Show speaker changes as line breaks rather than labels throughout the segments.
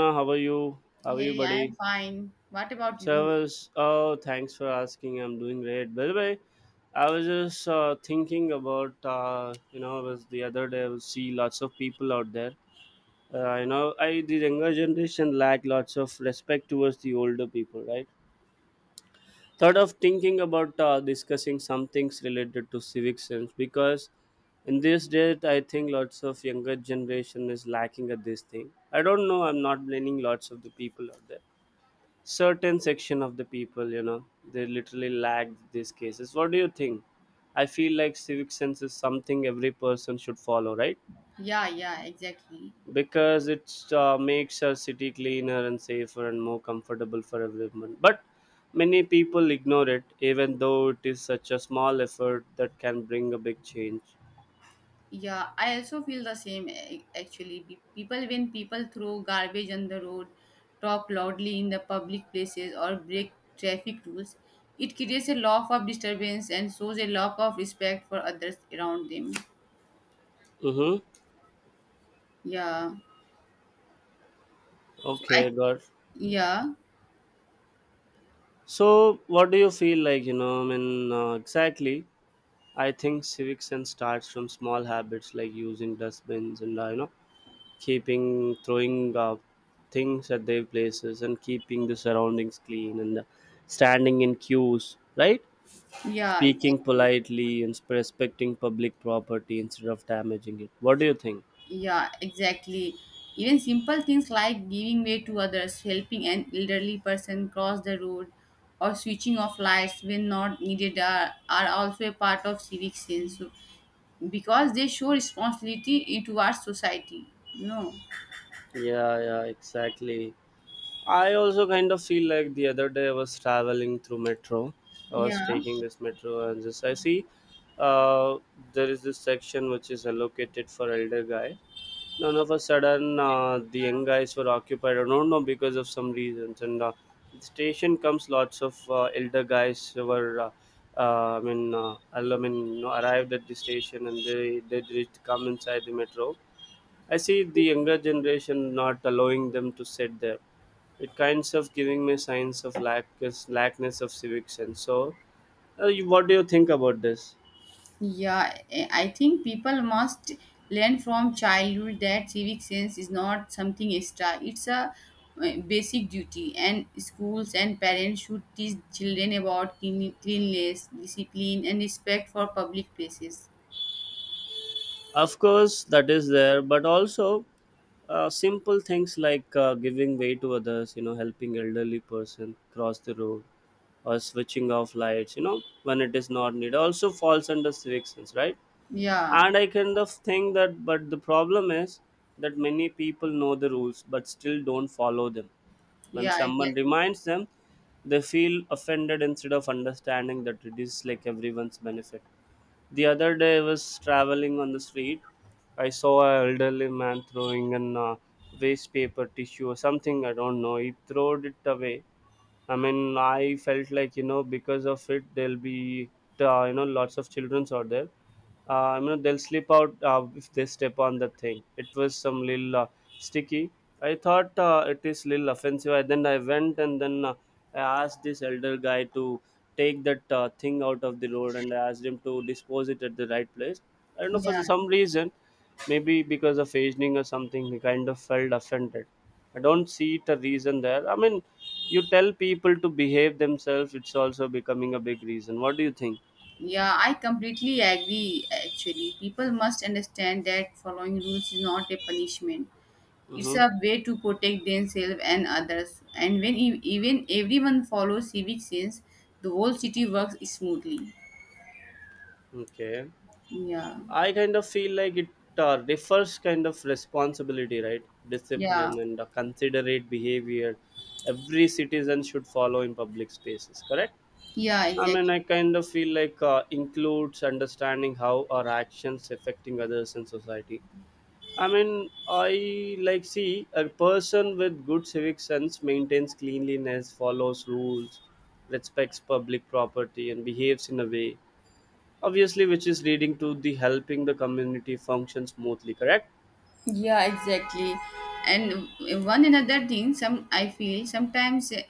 How are you? How are you,
Hey, I
buddy?
am fine. What about
So
you?
I was. Oh, thanks for asking. I'm doing great. By the way, I was just thinking about. It was the other day. I was see lots of people out there. I the younger generation lack lots of respect towards the older people, right? Thought of thinking about discussing some things related to civic sense, because in this day, I think lots of younger generation is lacking at this thing. I don't know. I'm not blaming lots of the people out there, certain section of the people, they literally lack these cases. What do you think? I feel like civic sense is something every person should follow, right?
Yeah, yeah, exactly.
Because it makes our city cleaner and safer and more comfortable for everyone, but many people ignore it, even though it is such a small effort that can bring a big change.
Yeah, I also feel the same actually. People, when people throw garbage on the road, talk loudly in the public places, or break traffic rules, it creates a lot of disturbance and shows a lack of respect for others around them.
Mm-hmm.
Yeah. So I,
Okay, got.
yeah,
So what do you feel like, I mean, exactly. I think civic sense starts from small habits like using dustbins and keeping throwing things at their places, and keeping the surroundings clean, and standing in queues, right?
yeah,
Speaking
exactly.
politely and respecting public property instead of damaging it. What do you think?
Yeah, exactly. Even simple things like giving way to others, helping an elderly person cross the road, or switching off lights when not needed are also a part of civic sense, so, because they show responsibility towards society. No.
Yeah, yeah, exactly. I also kind of feel like the other day I was traveling through metro. I was
Yeah.
taking this metro and just I see, uh, there is this section which is allocated for elder guy. None of a sudden the young guys were occupied. I don't know because of some reasons. And the station comes lots of elder guys who were. I mean, arrived at the station, and they did come inside the metro. I see the younger generation not allowing them to sit there. It kinds of giving me signs of lackness of civic sense. So, what do you think about this?
Yeah, I think people must learn from childhood that civic sense is not something extra. It's a basic duty, and schools and parents should teach children about cleanliness, discipline, and respect for public places.
Of course, that is there, but also simple things like giving way to others, helping elderly person cross the road, or switching off lights, when it is not needed, also falls under civic sense, right?
Yeah,
And I kind of think that, but the problem is that many people know the rules but still don't follow them. When
yeah,
someone
exactly.
reminds them, they feel offended instead of understanding that it is like everyone's benefit. The other day, I was traveling on the street. I saw an elderly man throwing an waste paper tissue or something. I don't know. He threw it away. I mean, I felt like, because of it, there'll be, lots of childrens out there. They'll slip out if they step on the thing. It was some little sticky. I thought it is little offensive. Then I went, and then I asked this elder guy to take that thing out of the road, and I asked him to dispose it at the right place. I don't know, for
Yeah,
some reason, maybe because of aging or something, he kind of felt offended. I don't see it a reason there. I mean, you tell people to behave themselves, it's also becoming a big reason. What do you think?
yeah, I completely agree. Actually, people must understand that following rules is not a punishment. It's
Mm-hmm.
a way to protect themselves and others. And when even everyone follows civic sense, the whole city works smoothly.
Okay.
Yeah,
I kind of feel like it differs kind of responsibility, right?
yeah,
Discipline and considerate behavior every citizen should follow in public spaces, correct?
yeah,
I mean,
exactly.
I kind of feel like includes understanding how our actions affecting others in society. I mean, I like see a person with good civic sense maintains cleanliness, follows rules, respects public property, and behaves in a way, obviously, which is leading to the helping the community function smoothly. Correct?
Yeah, exactly. And one another thing, some I feel sometimes uh,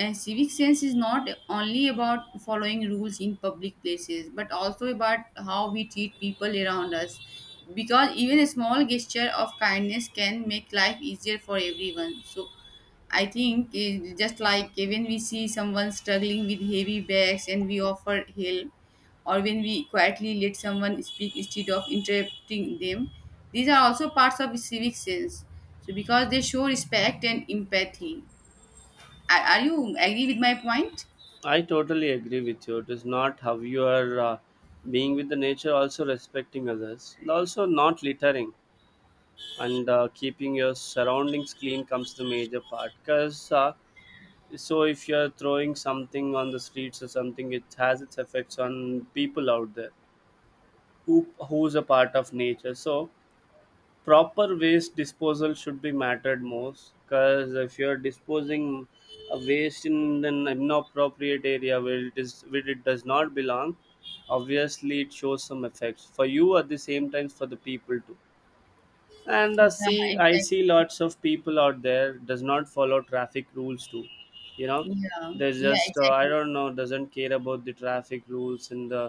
uh, civic sense is not only about following rules in public places, but also about how we treat people around us. Because even a small gesture of kindness can make life easier for everyone. So I think it, just like when we see someone struggling with heavy bags and we offer help, or when we quietly let someone speak instead of interrupting them, these are also parts of civic sense. So because they show respect and empathy. Are you agree with my point?
I totally agree with you. It is not how you are being with the nature, also respecting others, and also not littering and keeping your surroundings clean comes the major part, because so if you're throwing something on the streets or something, it has its effects on people out there who's a part of nature. So proper waste disposal should be mattered most, because if you're disposing a waste in an inappropriate area where it is where it does not belong, obviously it shows some effects for you, at the same time for the people too. And i see
Yeah,
i
exactly.
see lots of people out there does not follow traffic rules too, you know
Yeah,
they
yeah,
just, I
exactly.
don't know, doesn't care about the traffic rules, and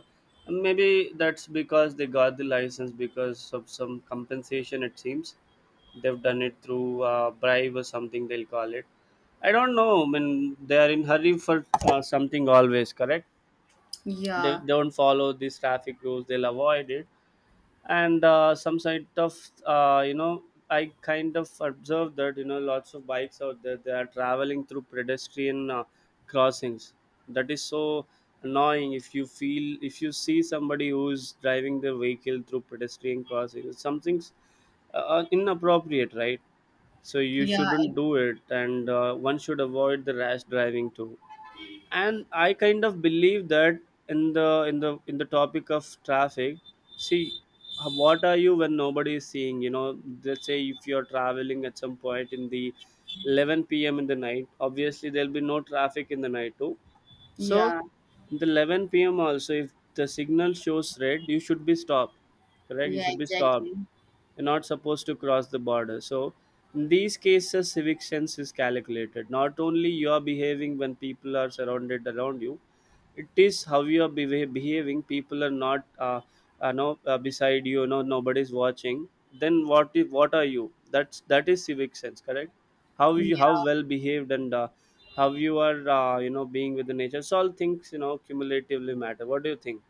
maybe that's because they got the license because of some compensation, it seems. They've done it through bribe or something, they'll call it. I don't know. I mean, they are in hurry for something always, correct? They
Yeah,
don't follow these traffic rules, they'll avoid it, and some sort of uh, you know I kind of observed that, lots of bikes out there, they are traveling through pedestrian crossings. That is so annoying. If you feel, if you see somebody who's driving their vehicle through pedestrian crossings, something's inappropriate, right? So you
yeah,
shouldn't do it, and one should avoid the rash driving too. And I kind of believe that, in the topic of traffic, see, what are you when nobody is seeing. Let's say if you're traveling at some point in the 11 p.m. in the night, obviously there'll be no traffic in the night too. So
yeah,
in the 11 p.m. also, if the signal shows red, you should be stopped. Correct? You
yeah,
should be stopped.
exactly.
You're not supposed to cross the border. So in these cases, civic sense is calculated. Not only you are behaving when people are surrounded around you, it is how you are behaving. People are not, no, beside you. No, nobody is watching. Then what? What are you? That is civic sense. Correct?
Yeah.
How well behaved, and how you are being with the nature, so all things cumulatively matter. What do you think?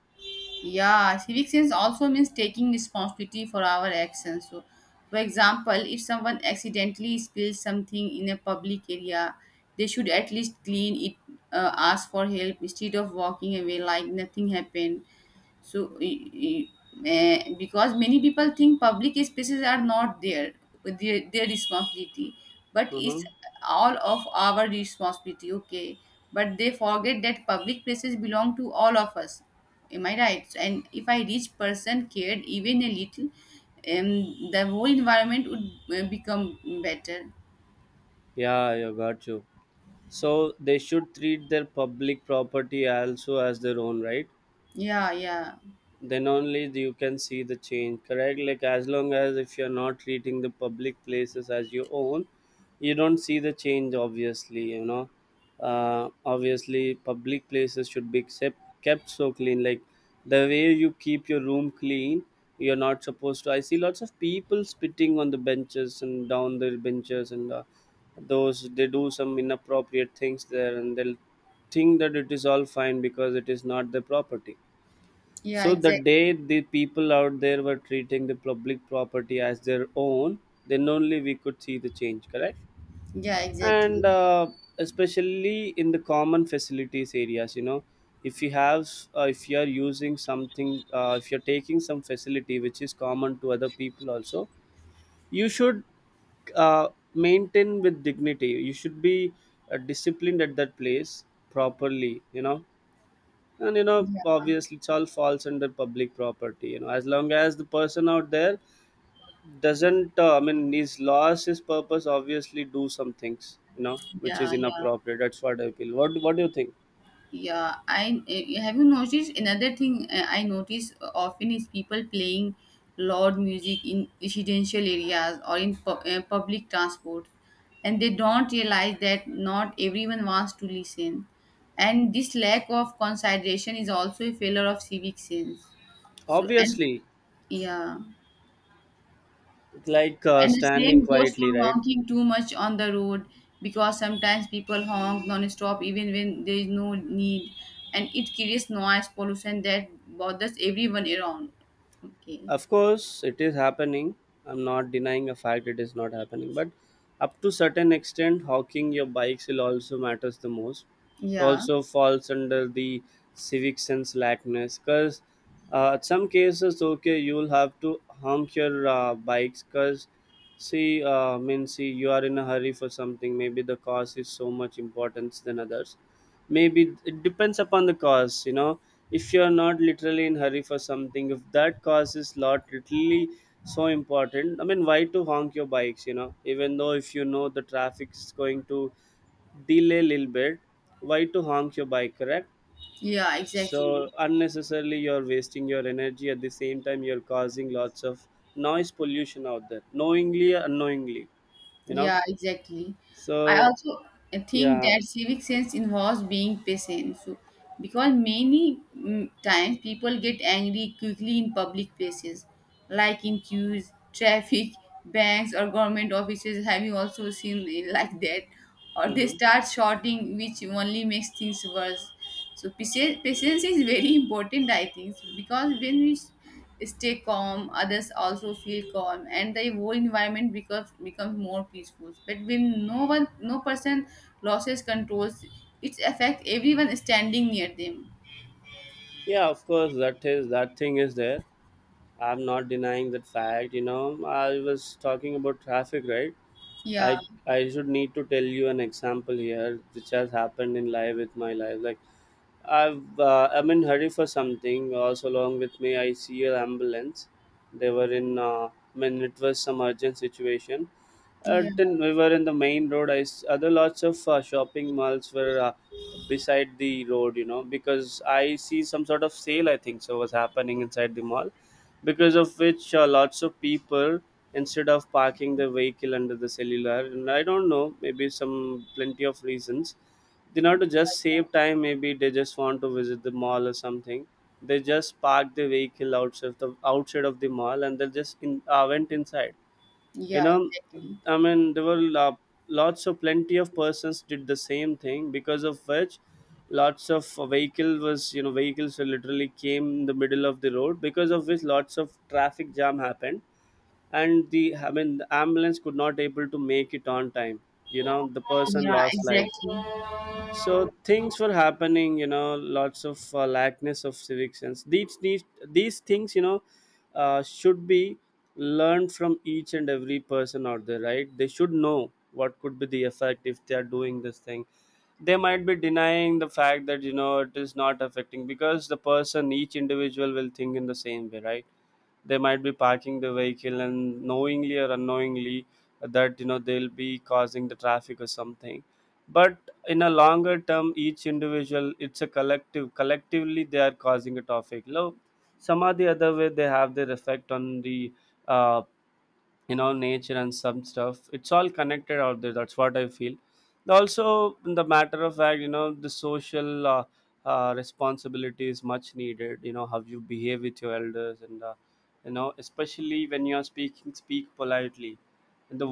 Yeah, civic sense also means taking responsibility for our actions. So, for example, if someone accidentally spills something in a public area, they should at least clean it, ask for help instead of walking away like nothing happened. So, because many people think public spaces are not their responsibility, but
Mm-hmm.
it's all of our responsibility. Okay, but they forget that public places belong to all of us. Am I right? And if I each person cared even a little, the whole environment would become better.
Yeah, you got you. So they should treat their public property also as their own, right?
Yeah, yeah,
Then only you can see the change, correct. Like, as long as if you're not treating the public places as your own, you don't see the change, obviously you know obviously Public places should be kept so clean, like the way you keep your room clean. You're not supposed to. I see lots of people spitting on the benches and down the benches, and those they do some inappropriate things there, and they'll think that it is all fine because it is not their property.
yeah.
So the
Exactly.
day the people out there were treating the public property as their own, then only we could see the change, correct?
Yeah,
And
exactly.
especially in the common facilities areas, if you have, if you are using something, if you're taking some facility which is common to other people also, you should uh, maintain with dignity. You should be disciplined at that place properly, and
Yeah,
obviously it's all falls under public property, as long as the person out there doesn't I mean, he's lost his purpose, obviously do some things, which is
yeah, yeah.
inappropriate. That's what I feel. What do you think?
Yeah, I have you noticed another thing eh, I notice often is people playing loud music in residential areas or in public transport, and they don't realize that not everyone wants to listen, and this lack of consideration is also a failure of civic sense. So and
Obviously,
yeah.
like,
And the
standing
same goes for
quietly, right?
honking too much on the road because sometimes people honk non-stop even when there is no need, and it creates noise pollution that bothers everyone around. Okay.
Of course, it is happening. I'm not denying a fact it is not happening, but up to certain extent, hawking your bikes will also matters the most. It
Yeah.
also falls under the civic sense lackness, because at some cases, okay, you'll have to honk your bikes because see, I mean, see, you are in a hurry for something. Maybe the cause is so much importance than others. Maybe it depends upon the cause, if you're not literally in hurry for something, if that cause is lot literally so important. I mean, why to honk your bikes, even though if you know the traffic is going to delay a little bit, why to honk your bike, correct?
Yeah,
So
exactly.
unnecessarily you're wasting your energy, at the same time you're causing lots of noise pollution out there, knowingly or unknowingly, you know
Yeah, exactly. I
so
also think
yeah.
that civic sense involves being patient. So, because many times people get angry quickly in public places, like in queues, traffic, banks, or government offices. Have you also seen it like that? Or they
Hmm.
start shouting, which only makes things worse. So, patience is very important, I think. So, because when we stay calm, others also feel calm and the whole environment becomes more peaceful. But when no person loses controls, it affects everyone standing near them.
Yeah, of course, that is that thing is there. I'm not denying that fact. I was talking about traffic, right?
Yeah,
I should need to tell you an example here, which has happened in life with my life. Like I'm in hurry for something. Also, along with me, I see an ambulance. They were in. I mean, it was some urgent situation.
yeah,
Then we were in the main road. Other lots of shopping malls were beside the road. Because I see some sort of sale, I think so was happening inside the mall, because of which lots of people, instead of parking the vehicle under the cellular. And I don't know, maybe some plenty of reasons, they not to just save time, maybe they just want to visit the mall or something. They just parked the vehicle outside the outside of the mall, and they just went inside. You
yeah,
know,
exactly.
I mean there were lots of plenty of persons did the same thing, because of which lots of vehicle was you know vehicles were literally came in the middle of the road, because of which lots of traffic jam happened, and the, I mean, the ambulance could not able to make it on time. The person
Yeah,
lost life.
exactly.
So things were happening, lots of lackness of civic sense, these things, Should be learned from each and every person out there, right? They should know what could be the effect if they are doing this thing. They might be denying the fact that, it is not affecting, because the person, each individual will think in the same way, right? They might be parking the vehicle and knowingly or unknowingly that, they'll be causing the traffic or something, but in a longer term each individual, it's a collectively they are causing a traffic now. Some are the other way, they have their effect on the uh, nature and some stuff, it's all connected out there. That's what I feel. Also, in the matter of fact, the social responsibility is much needed. How you behave with your elders, and especially when you are speak politely in the world.